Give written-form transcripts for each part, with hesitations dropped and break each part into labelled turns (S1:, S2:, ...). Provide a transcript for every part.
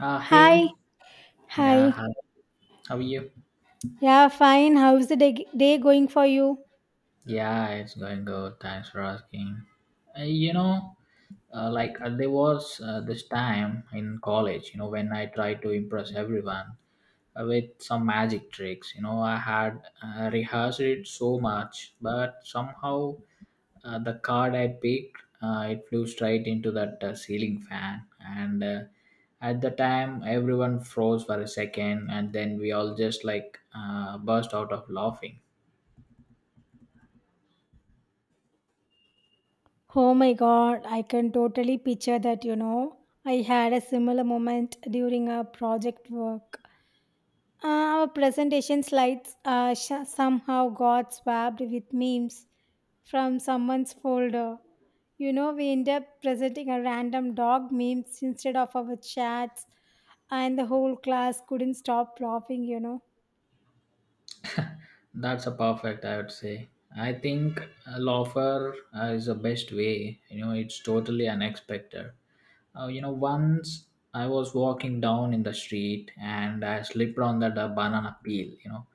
S1: Uh,
S2: Hi,
S1: hey,
S2: hi.
S1: yeah, hi. How are you?
S2: Yeah, fine. How's the day going for you?
S1: Yeah, it's going good. Thanks for asking. Uh, you know, there was this time in college, you know, when I tried to impress everyone with some magic tricks. You know, I had rehearsed it so much, but somehow the card I picked, it flew straight into that ceiling fan, and at the time everyone froze for a second, and then we all just burst out of laughing.
S2: Oh my god, I can totally picture that, you know. I had a similar moment during our project work. Uh, our presentation slides somehow got swapped with memes from someone's folder. You know, we end up presenting a random dog memes instead of our chats, and the whole class couldn't stop laughing, you know.
S1: That's a perfect, I would say. I think a loafer is the best way. You know, it's totally unexpected. Once I was walking down in the street and I slipped on that banana peel. You know,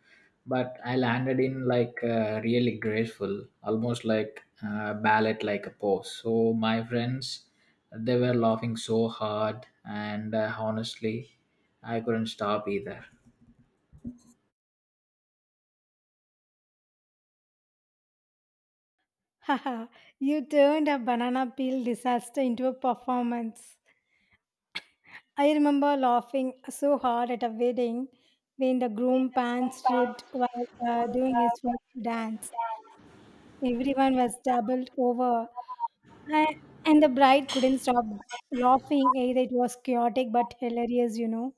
S1: but I landed in really graceful, almost ballet like a pose. So my friends, they were laughing so hard, and honestly, I couldn't stop either.
S2: Haha, you turned a banana peel disaster into a performance. I remember laughing so hard at a wedding when the groom pants ripped while doing his first dance. Everyone was doubled over, and, and the bride couldn't stop laughing. Either it was chaotic but hilarious, you know.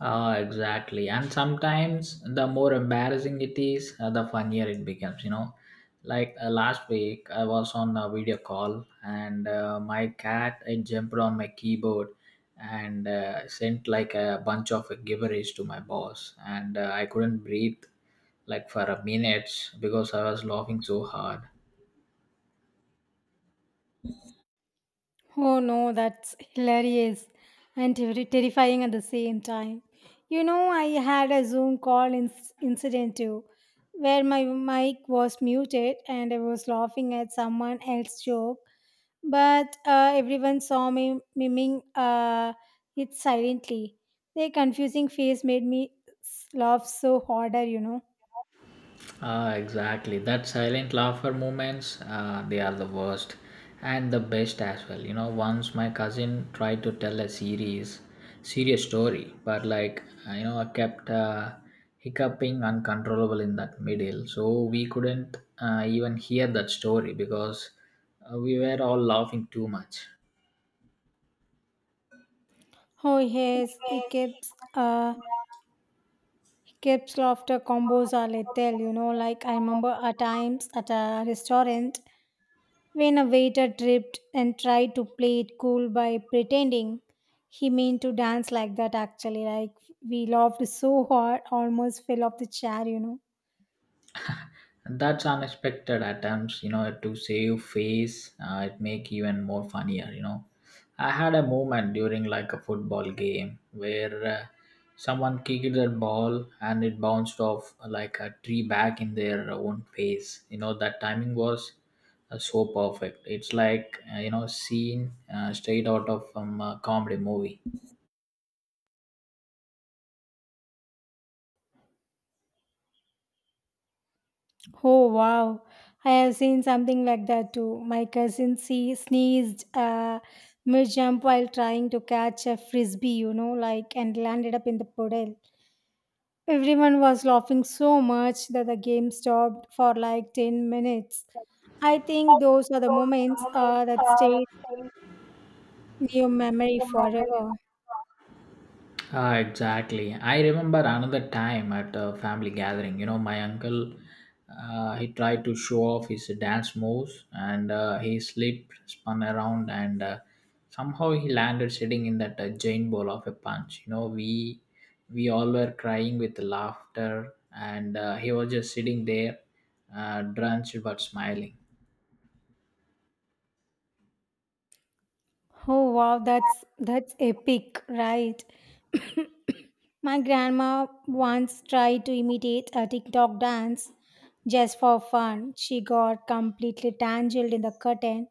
S1: Ah, exactly. And sometimes the more embarrassing it is, the funnier it becomes, you know. Last week, I was on a video call and my cat it jumped on my keyboard and sent like a bunch of gibberish to my boss, and I couldn't breathe like for a minute because I was laughing so hard.
S2: Oh no, that's hilarious and terrifying at the same time. You know, I had a Zoom incident too, where my mic was muted and I was laughing at someone else's joke, but everyone saw me miming it silently. Their confusing face made me laugh so harder, you know.
S1: Ah, exactly. That silent laugher moments, they are the worst and the best as well. You know, once my cousin tried to tell serious story, but you know, I kept hiccuping uncontrollable in that middle. So we couldn't even hear that story because we were all laughing too much.
S2: Oh yes, it keeps Kip's laughter combos are lethal, you know. Like, I remember at times at a restaurant when a waiter tripped and tried to play it cool by pretending he meant to dance like that, actually. Like, we laughed so hard, almost fell off the chair, you know.
S1: And that's unexpected attempts you know to save face it make even more funnier, you know. I had a moment during like a football game where someone kicked that ball and it bounced off like a tree back in their own face, you know, that timing was so perfect. It's like you know, scene straight out of a comedy movie.
S2: Oh, wow. I have seen something like that too. My cousin sneezed mid jump while trying to catch a frisbee, you know, like, and landed up in the puddle. Everyone was laughing so much that the game stopped for like 10 minutes. I think those are the moments that stay in your memory forever.
S1: Ah, exactly. I remember another time at a family gathering. You know, my uncle, he tried to show off his dance moves, and he slipped, spun around, and somehow he landed sitting in that giant bowl of a punch. You know, we all were crying with laughter, and he was just sitting there, drenched but smiling.
S2: Oh wow, that's epic, right? My grandma once tried to imitate a TikTok dance just for fun. She got completely tangled in the curtain,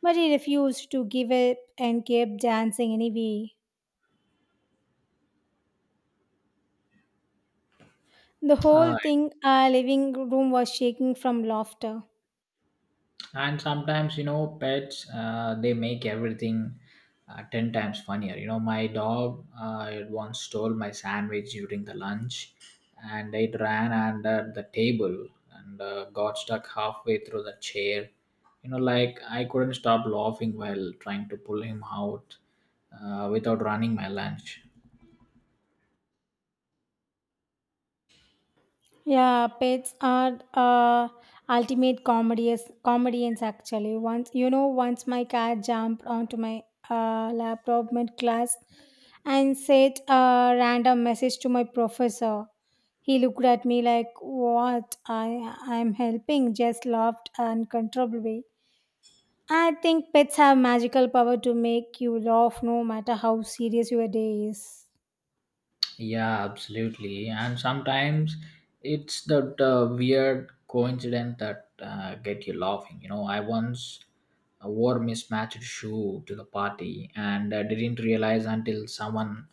S2: but he refused to give up and kept dancing anyway. The
S1: Uh,
S2: whole thing, living room was shaking from laughter.
S1: and sometimes you know pets they make everything 10 times funnier, you know. My dog it once stole my sandwich during the lunch, and it ran under the table and got stuck halfway through the chair. You know, like I couldn't stop laughing while trying to pull him out without running my lunch.
S2: Yeah, pets are ultimate comedians. Comedians actually. Once you know, once my cat jumped onto my laptop mid class and said a random message to my professor. He looked at me like, "What? I'm helping." Just laughed uncontrollably. I think pets have magical power to make you laugh no matter how serious your day is.
S1: Yeah, absolutely. And sometimes it's that weird coincidence that get you laughing. You know, I once wore mismatched shoe to the party and didn't realize until someone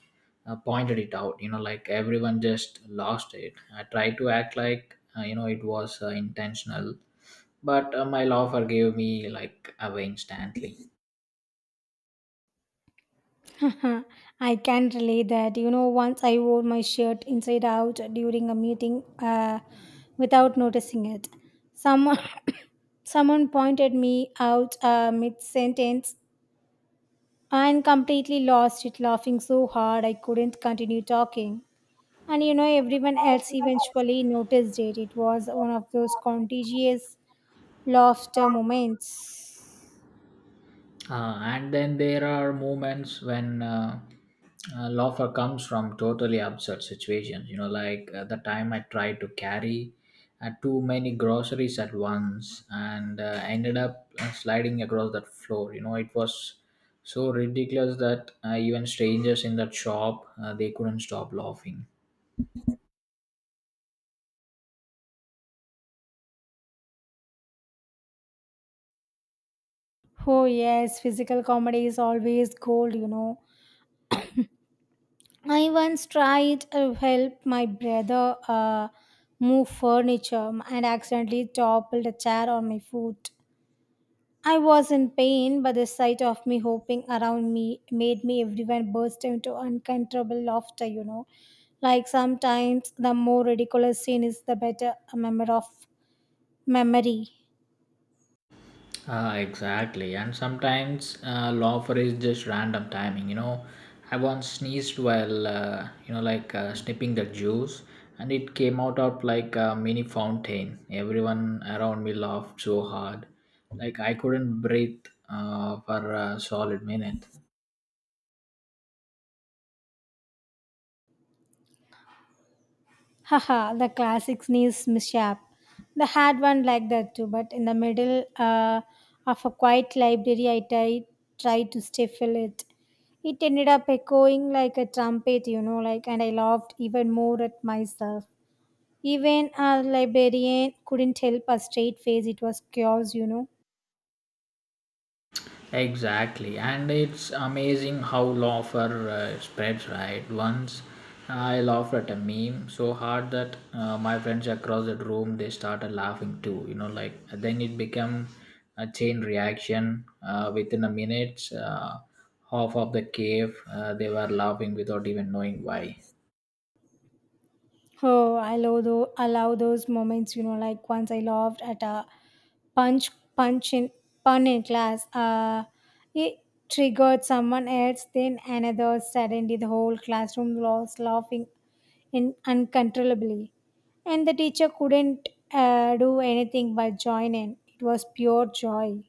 S1: pointed it out. You know, like everyone just lost it. I tried to act like you know it was intentional, but my laugher gave me like away instantly.
S2: I can relate that. You know, once I wore my shirt inside out during a meeting without noticing it. Someone, someone pointed me out mid sentence and completely lost it, laughing so hard I couldn't continue talking. And you know, everyone else eventually noticed it. It was one of those contagious laughter moments.
S1: And then there are moments when laughter comes from totally absurd situations. You know, the time I tried to carry too many groceries at once and ended up sliding across that floor. You know, it was so ridiculous that even strangers in that shop they couldn't stop laughing.
S2: Oh, yes, physical comedy is always gold, you know. I once tried to help my brother move furniture and accidentally toppled a chair on my foot. I was in pain, but the sight of me hopping around me made me everyone burst into uncontrollable laughter, you know. Like sometimes the more ridiculous scene is the better a memory.
S1: Ah, exactly. And sometimes laughter is just random timing. You know, I once sneezed while, snipping the juice, and it came out of like a mini fountain. Everyone around me laughed so hard, like I couldn't breathe for a solid minute.
S2: Haha, the classic sneeze mishap. The had one like that too, but in the middle of a quiet library, tried to stifle it. It ended up echoing like a trumpet, you know, like, and I laughed even more at myself. Even our librarian couldn't help a straight face. It was chaos, you know.
S1: Exactly, and it's amazing how laughter spreads, right? Once I laughed at a meme so hard that my friends across the room they started laughing too. You know, like then it became a chain reaction. Within a minute, half of the cave they were laughing without even knowing why.
S2: Oh, I love those, allow those moments, you know, like once I laughed at a punch, punch in, pun in class. It triggered someone else, then another. Suddenly, the whole classroom was laughing in uncontrollably. And the teacher couldn't do anything but join in. It was pure joy.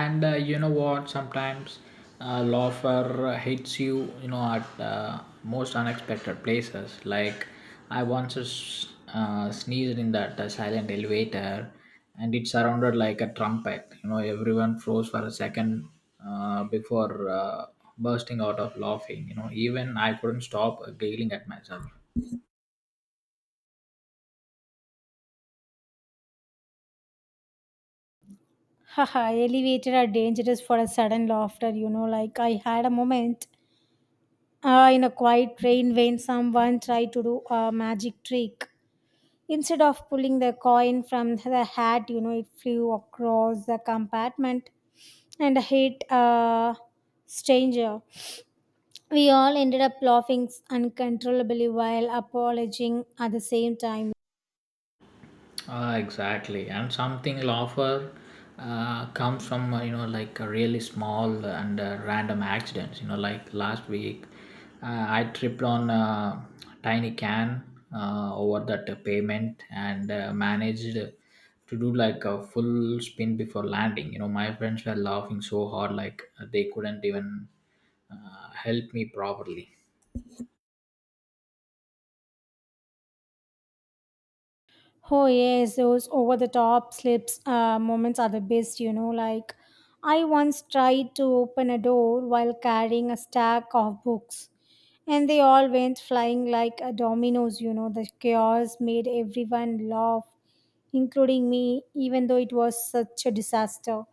S1: And you know what, sometimes laughter hits you, you know, at most unexpected places. I once sneezed in that silent elevator, and it surrounded like a trumpet. You know, everyone froze for a second before bursting out of laughing. You know, even I couldn't stop giggling at myself.
S2: Haha, elevated are dangerous for a sudden laughter, you know, like I had a moment in a quiet rain, when someone tried to do a magic trick, instead of pulling the coin from the hat, you know, it flew across the compartment and hit a stranger. We all ended up laughing uncontrollably while apologizing at the same time.
S1: Ah, exactly, and something will offer comes from you know, like a really small and random accidents. You know, like last week, I tripped on a tiny can over that pavement and managed to do like a full spin before landing. You know, my friends were laughing so hard like they couldn't even help me properly.
S2: Oh yes, those over the top slips moments are the best, you know. Like I once tried to open a door while carrying a stack of books, and they all went flying like a dominoes, you know. The chaos made everyone laugh, including me, even though it was such a disaster.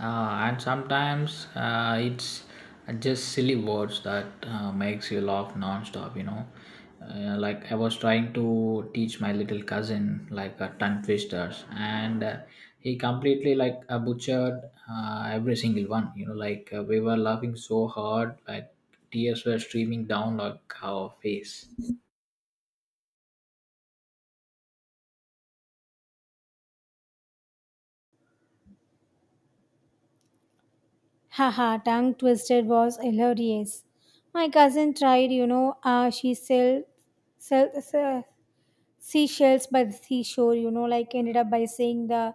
S1: And sometimes it's just silly words that makes you laugh non-stop. You know, I was trying to teach my little cousin tongue twisters, and he completely butchered every single one. You know, we were laughing so hard like tears were streaming down like our face.
S2: Haha, tongue twisted was hilarious. My cousin tried, you know, she sell, sell, sell seashells by the seashore, you know, like, ended up by saying the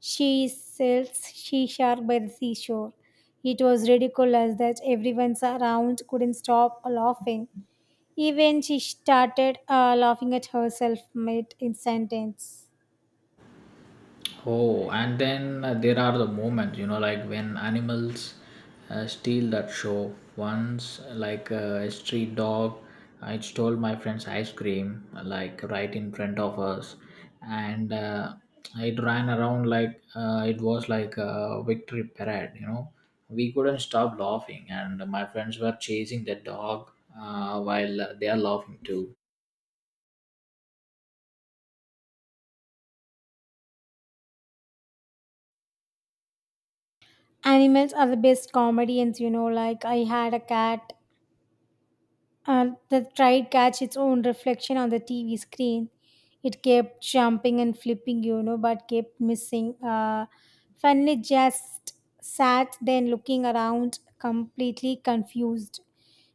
S2: she sells she shark by the seashore. It was ridiculous that everyone around couldn't stop laughing. Even she started laughing at herself mid in sentence.
S1: Oh, and then there are the moments, you know, like when animals steal that show. Once, a street dog, it stole my friend's ice cream, like right in front of us, and it ran around like it was like a victory parade, you know. We couldn't stop laughing, and my friends were chasing the dog while they are laughing too.
S2: Animals are the best comedians, you know. Like I had a cat. The tried catch its own reflection on the TV screen. It kept jumping and flipping, you know, but kept missing. Finally, just sat then looking around, completely confused.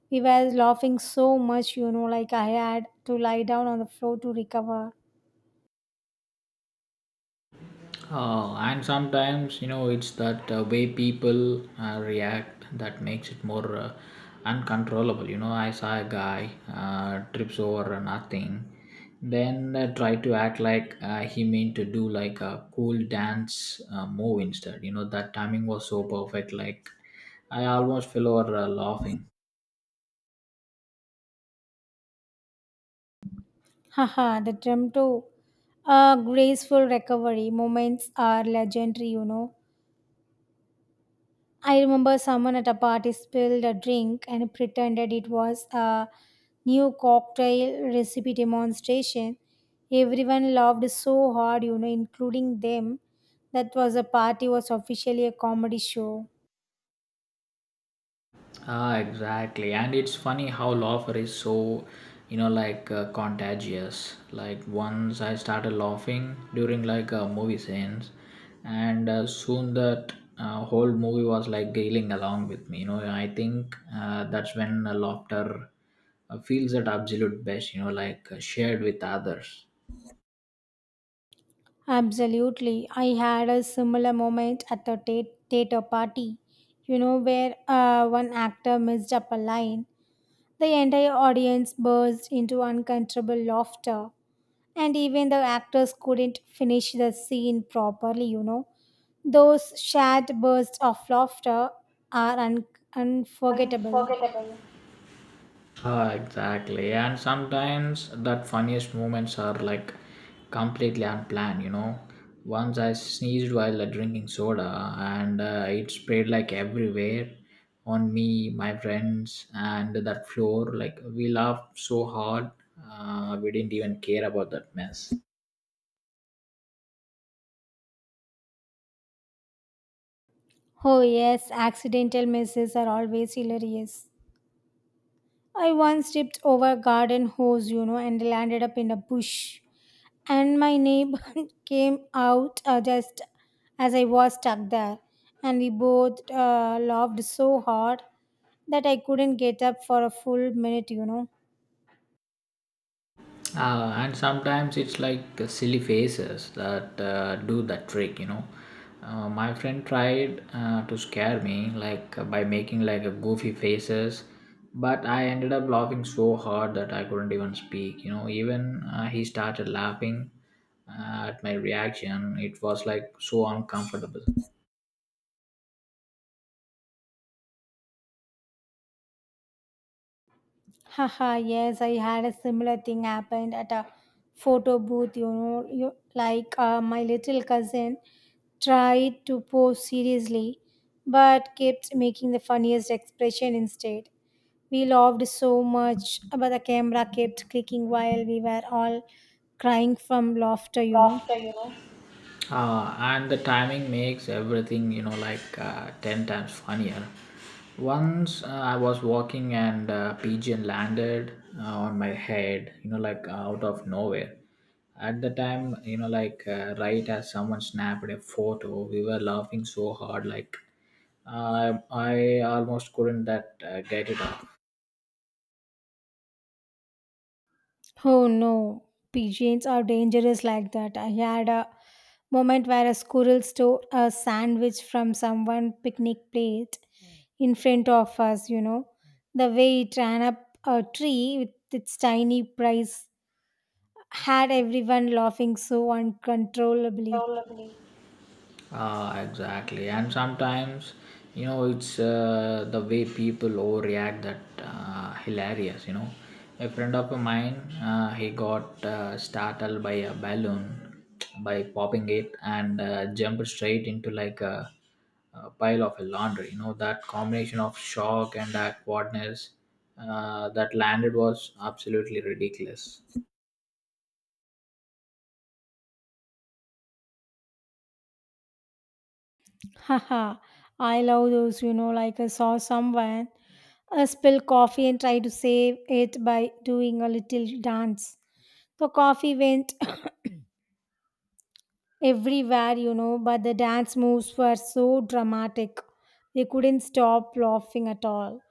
S2: We were laughing so much, you know, like I had to lie down on the floor to recover.
S1: And sometimes, you know, it's that way people react that makes it more uncontrollable. You know, I saw a guy trips over nothing, then try to act like he meant to do like a cool dance move instead. You know, that timing was so perfect. Like, I almost fell over laughing.
S2: Haha, the Tremto. A graceful recovery moments are legendary, you know. I remember someone at a party spilled a drink and pretended it was a new cocktail recipe demonstration. Everyone laughed so hard, you know, including them. That was a party was officially a comedy show.
S1: Ah, exactly. And it's funny how laughter is so, you know, contagious. Like once I started laughing during like a movie scenes, and soon that whole movie was like giggling along with me. You know, I think that's when laughter feels at absolute best. You know, shared with others.
S2: Absolutely. I had a similar moment at the theater party, you know, where one actor messed up a line. The entire audience burst into uncontrollable laughter, and even the actors couldn't finish the scene properly, you know. Those shared bursts of laughter are unforgettable.
S1: Ah, exactly. And sometimes that funniest moments are like completely unplanned, you know. Once I sneezed while drinking soda and it spread like everywhere on me, my friends, and that floor. Like we laughed so hard, we didn't even care about that mess.
S2: Oh, yes, accidental misses are always hilarious. I once tripped over a garden hose, you know, and landed up in a bush. And my neighbor came out just as I was stuck there. And we both laughed so hard that I couldn't get up for a full minute, you know.
S1: And sometimes it's like silly faces that do the trick, you know. My friend tried to scare me, like by making like a goofy faces, but I ended up laughing so hard that I couldn't even speak. You know, even he started laughing at my reaction. It was like so uncomfortable.
S2: Haha, yes, I had a similar thing happened at a photo booth, you know, you, like my little cousin tried to pose seriously but kept making the funniest expression instead. We laughed so much, but the camera kept clicking while we were all crying from laughter, you know.
S1: And the timing makes everything, you know, 10 times funnier. Once I was walking and a pigeon landed on my head, you know, like out of nowhere. At the time, you know, right as someone snapped a photo, we were laughing so hard, like I almost couldn't that get it off.
S2: Oh no, pigeons are dangerous like that. I had a moment where a squirrel stole a sandwich from someone picnic plate in front of us, you know. The way it ran up a tree with its tiny prize had everyone laughing so uncontrollably.
S1: Ah, exactly. And sometimes, you know, it's the way people overreact that hilarious. You know, a friend of mine, he got startled by a balloon by popping it and jumped straight into a pile of laundry. You know, that combination of shock and awkwardness that landed was absolutely ridiculous.
S2: Haha, I love those, you know, like I saw someone spill coffee and try to save it by doing a little dance. The coffee went everywhere, you know, but the dance moves were so dramatic. They couldn't stop laughing at all.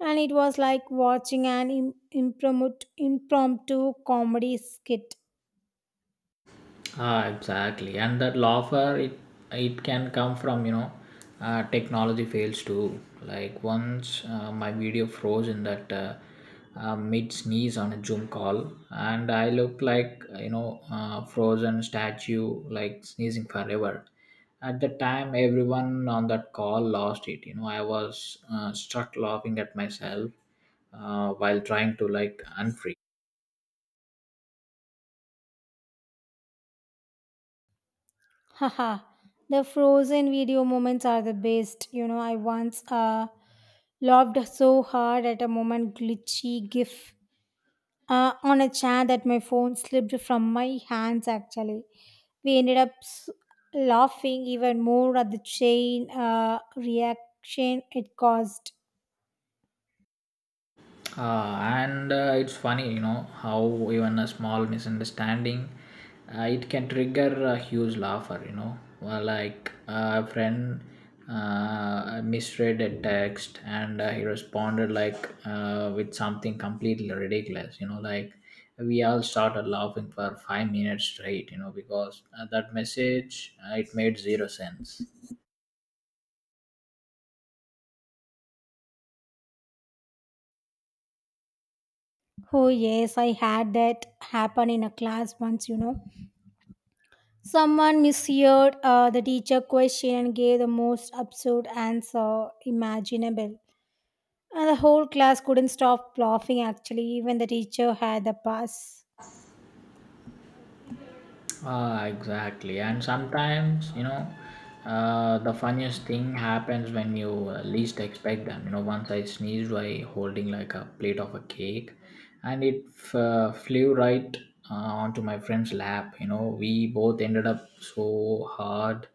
S2: And it was like watching an impromptu comedy skit.
S1: Ah, exactly. And that laughter, it can come from, you know, technology fails too. Like once my video froze in that mid sneeze on a Zoom call, and I looked like, you know, frozen statue, like sneezing forever. At the time, everyone on that call lost it. You know, I was struck laughing at myself while trying to like unfreeze.
S2: Haha. The frozen video moments are the best. You know, I once laughed so hard at a moment glitchy gif on a chair that my phone slipped from my hands actually. We ended up laughing even more at the chain reaction it caused.
S1: And it's funny, you know, how even a small misunderstanding it can trigger a huge laughter, you know. Well, a friend misread a text and he responded with something completely ridiculous. You know, like we all started laughing for 5 minutes straight. You know, because that message it made zero sense.
S2: Oh yes, I had that happen in a class once, you know. Someone misheard the teacher question and gave the most absurd answer imaginable, and the whole class couldn't stop laughing actually. Even the teacher had the pass.
S1: Ah, exactly. And sometimes, you know, the funniest thing happens when you least expect them. You know, once I sneezed while holding like a plate of a cake, and it flew right onto my friend's lap. You know, we both ended up so hard.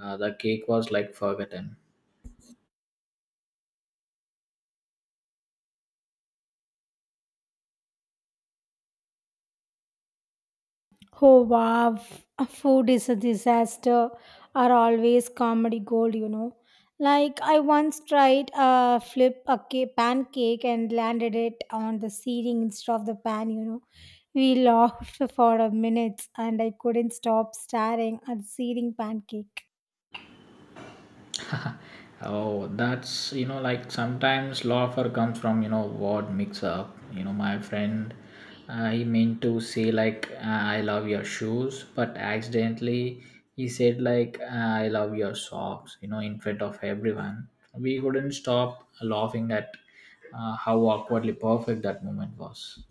S1: The cake was like forgotten.
S2: Oh wow, food is a disaster are always comedy gold, you know. Like I once tried pancake and landed it on the ceiling instead of the pan, you know. We laughed for a minute and I couldn't stop staring at the ceiling pancake.
S1: Oh, that's, you know, like sometimes laughter comes from, you know, word mix up. You know, my friend, I meant to say like I love your shoes, but accidentally he said like I love your socks. In front of everyone, we couldn't stop laughing at how awkwardly perfect that moment was.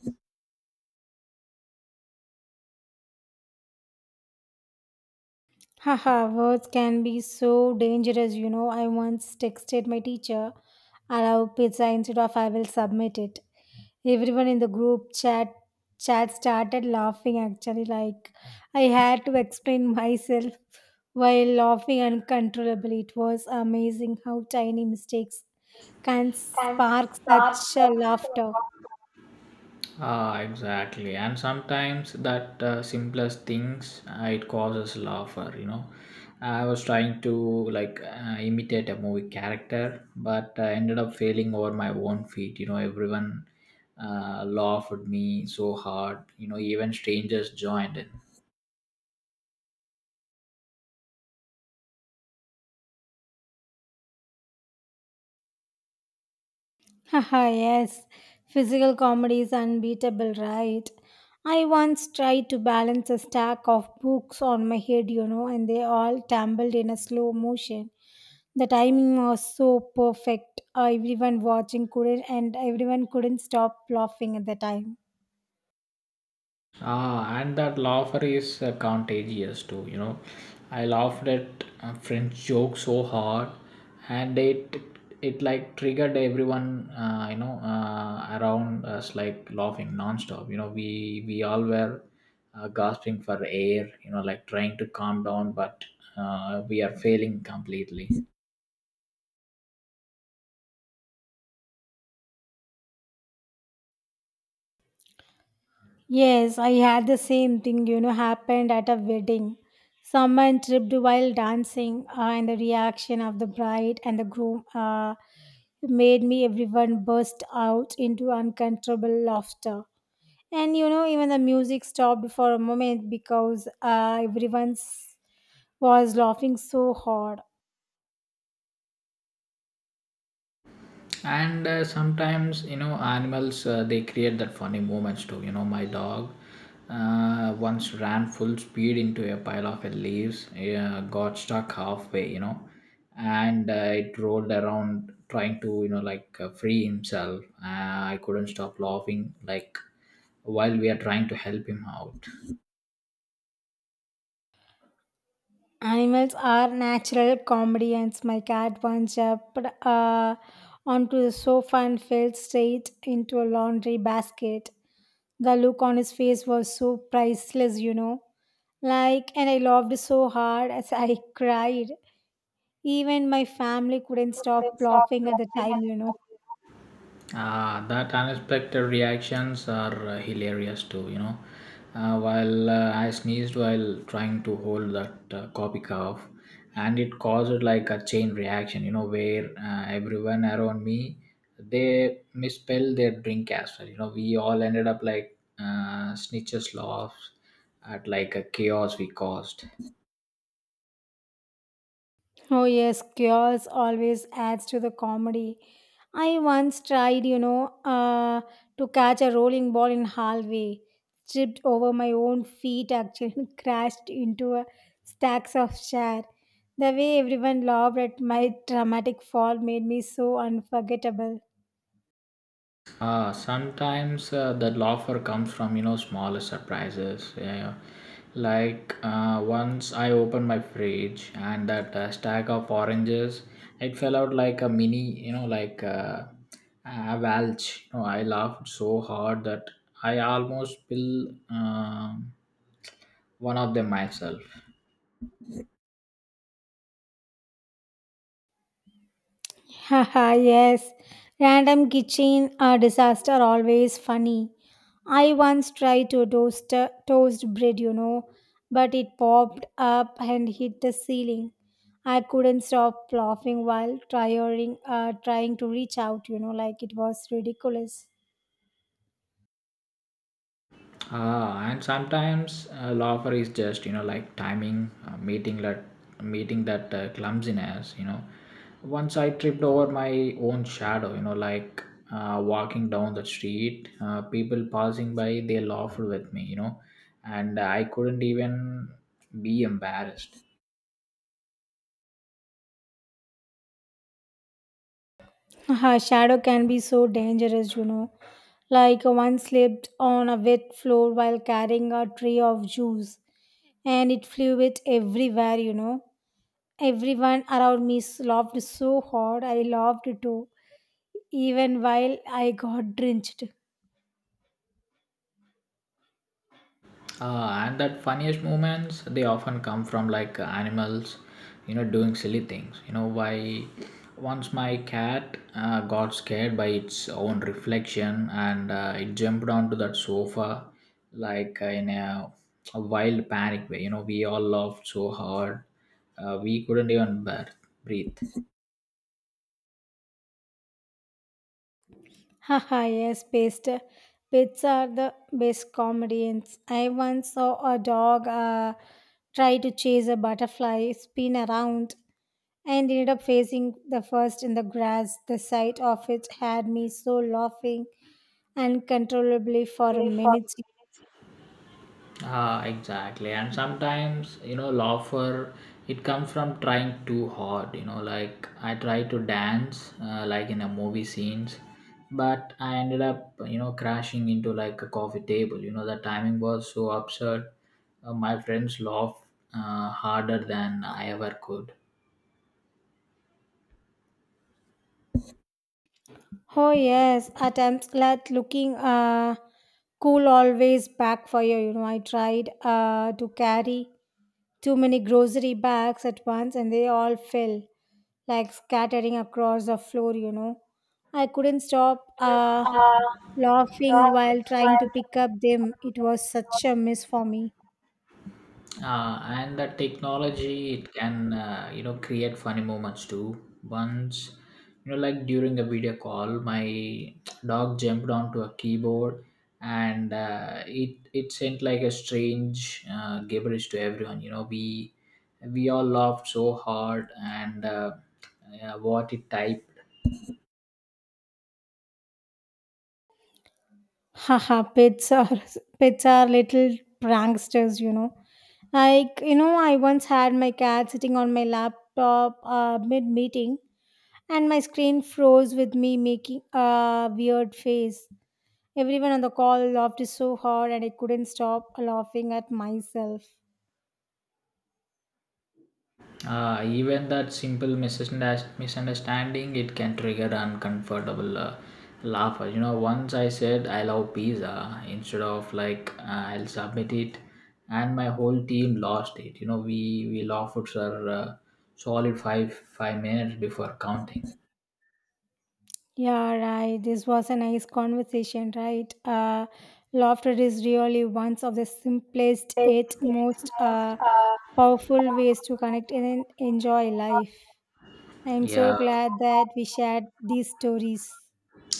S2: Haha, words can be so dangerous, you know. I once texted my teacher, I love pizza instead of I will submit it. Everyone in the group chat started laughing actually, like, I had to explain myself while laughing uncontrollably. It was amazing how tiny mistakes can spark such a laughter.
S1: Ah, exactly. And sometimes that simplest things it causes laughter. I was trying to like imitate a movie character, but I ended up failing over my own feet. Everyone laughed at me so hard. Even strangers joined in.
S2: Haha, yes, physical comedy is unbeatable, right? I once tried to balance a stack of books on my head, you know, and they all tumbled in a slow motion. The timing was so perfect. Everyone couldn't stop laughing at the time.
S1: Ah, and that laughter is contagious too. I laughed at a French joke so hard, and it like triggered everyone. Around us like laughing nonstop. We all were gasping for air. Like trying to calm down, but we are failing completely.
S2: Yes, I had the same thing, you know, happened at a wedding. Someone tripped while dancing, and the reaction of the bride and the groom made me everyone burst out into uncontrollable laughter. And you know, even the music stopped for a moment because was laughing so hard.
S1: And sometimes animals, they create that funny moments too. My dog once ran full speed into a pile of leaves, got stuck halfway. And it rolled around trying to like free himself. I couldn't stop laughing like while we are trying to help him out.
S2: Animals are natural comedians. My cat once jumped onto the sofa and fell straight into a laundry basket. The look on his face was so priceless, you know. Like, and I laughed so hard as I cried. Even my family couldn't stop laughing at the time, you know.
S1: Ah, that unexpected reactions are hilarious too. While I sneezed while trying to hold that coffee cup, and it caused like a chain reaction, where everyone around me they misspelled their drink as well. We all ended up like snitches laughs at like a chaos we caused.
S2: Oh yes, chaos always adds to the comedy. I once tried, you know, to catch a rolling ball in hallway, tripped over my own feet actually, and crashed into a stacks of chair. The way everyone laughed at my dramatic fall made me so unforgettable.
S1: Sometimes the laughter comes from smaller surprises. Yeah, yeah. Like once I opened my fridge and that stack of oranges, it fell out like a mini, like a valch. I laughed so hard that I almost spilled one of them myself.
S2: Haha, yes. Random kitchen disaster always funny. I once tried to toast bread, you know, but it popped up and hit the ceiling. I couldn't stop laughing while trying to reach out, you know, like it was ridiculous.
S1: And sometimes loafer is just like timing meeting that clumsiness. Once I tripped over my own shadow, like walking down the street. People passing by they laughed with me, and I couldn't even be embarrassed.
S2: Haha, shadow can be so dangerous, you know. Like one slipped on a wet floor while carrying a tray of juice, and it flew it everywhere, you know. Everyone around me laughed so hard, I laughed too, even while I got drenched.
S1: And that funniest moments they often come from like animals, doing silly things. Why once my cat got scared by its own reflection, and it jumped onto that sofa like in a wild panic way. We all laughed so hard, we couldn't even breathe.
S2: Haha, yes, best. Pets are the best comedians. I once saw a dog try to chase a butterfly, spin around, and ended up facing the first in the grass. The sight of it had me so laughing uncontrollably for a minute.
S1: Ah, exactly. And sometimes, laughter, it comes from trying too hard. Like I tried to dance, like in a movie scenes, but I ended up, crashing into like a coffee table. The timing was so absurd. My friends laughed harder than I ever could.
S2: Oh yes, at attempts at looking cool always backfire. You know, I tried to carry too many grocery bags at once and they all fell like scattering across the floor, you know. I couldn't stop laughing while trying to pick up them. It was such a miss for me.
S1: And the technology it can create funny moments too. Once like during a video call, my dog jumped onto a keyboard, and it sent like a strange gibberish to everyone. We all laughed so hard, and yeah, what it typed.
S2: Haha, pets are pets are little pranksters, you know. Like, you know, I once had my cat sitting on my laptop mid meeting and my screen froze with me making a weird face. Everyone on the call laughed so hard and I couldn't stop laughing at myself.
S1: Even that simple misunderstanding, it can trigger uncomfortable laughter. Once I said I love pizza instead of like I'll submit it, and my whole team lost it. We laughed for solid five minutes before counting.
S2: Yeah, right. This was a nice conversation, right? Laughter is really one of the simplest, yet most powerful ways to connect and enjoy life. I am so
S1: Yeah,
S2: glad that we shared these stories.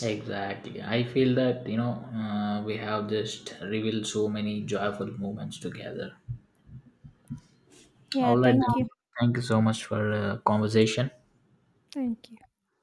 S1: exactly. I feel that we have just revealed so many joyful moments together.
S2: Yeah,
S1: All right,
S2: thank you.
S1: then. Thank you so much for conversation.
S2: Thank you.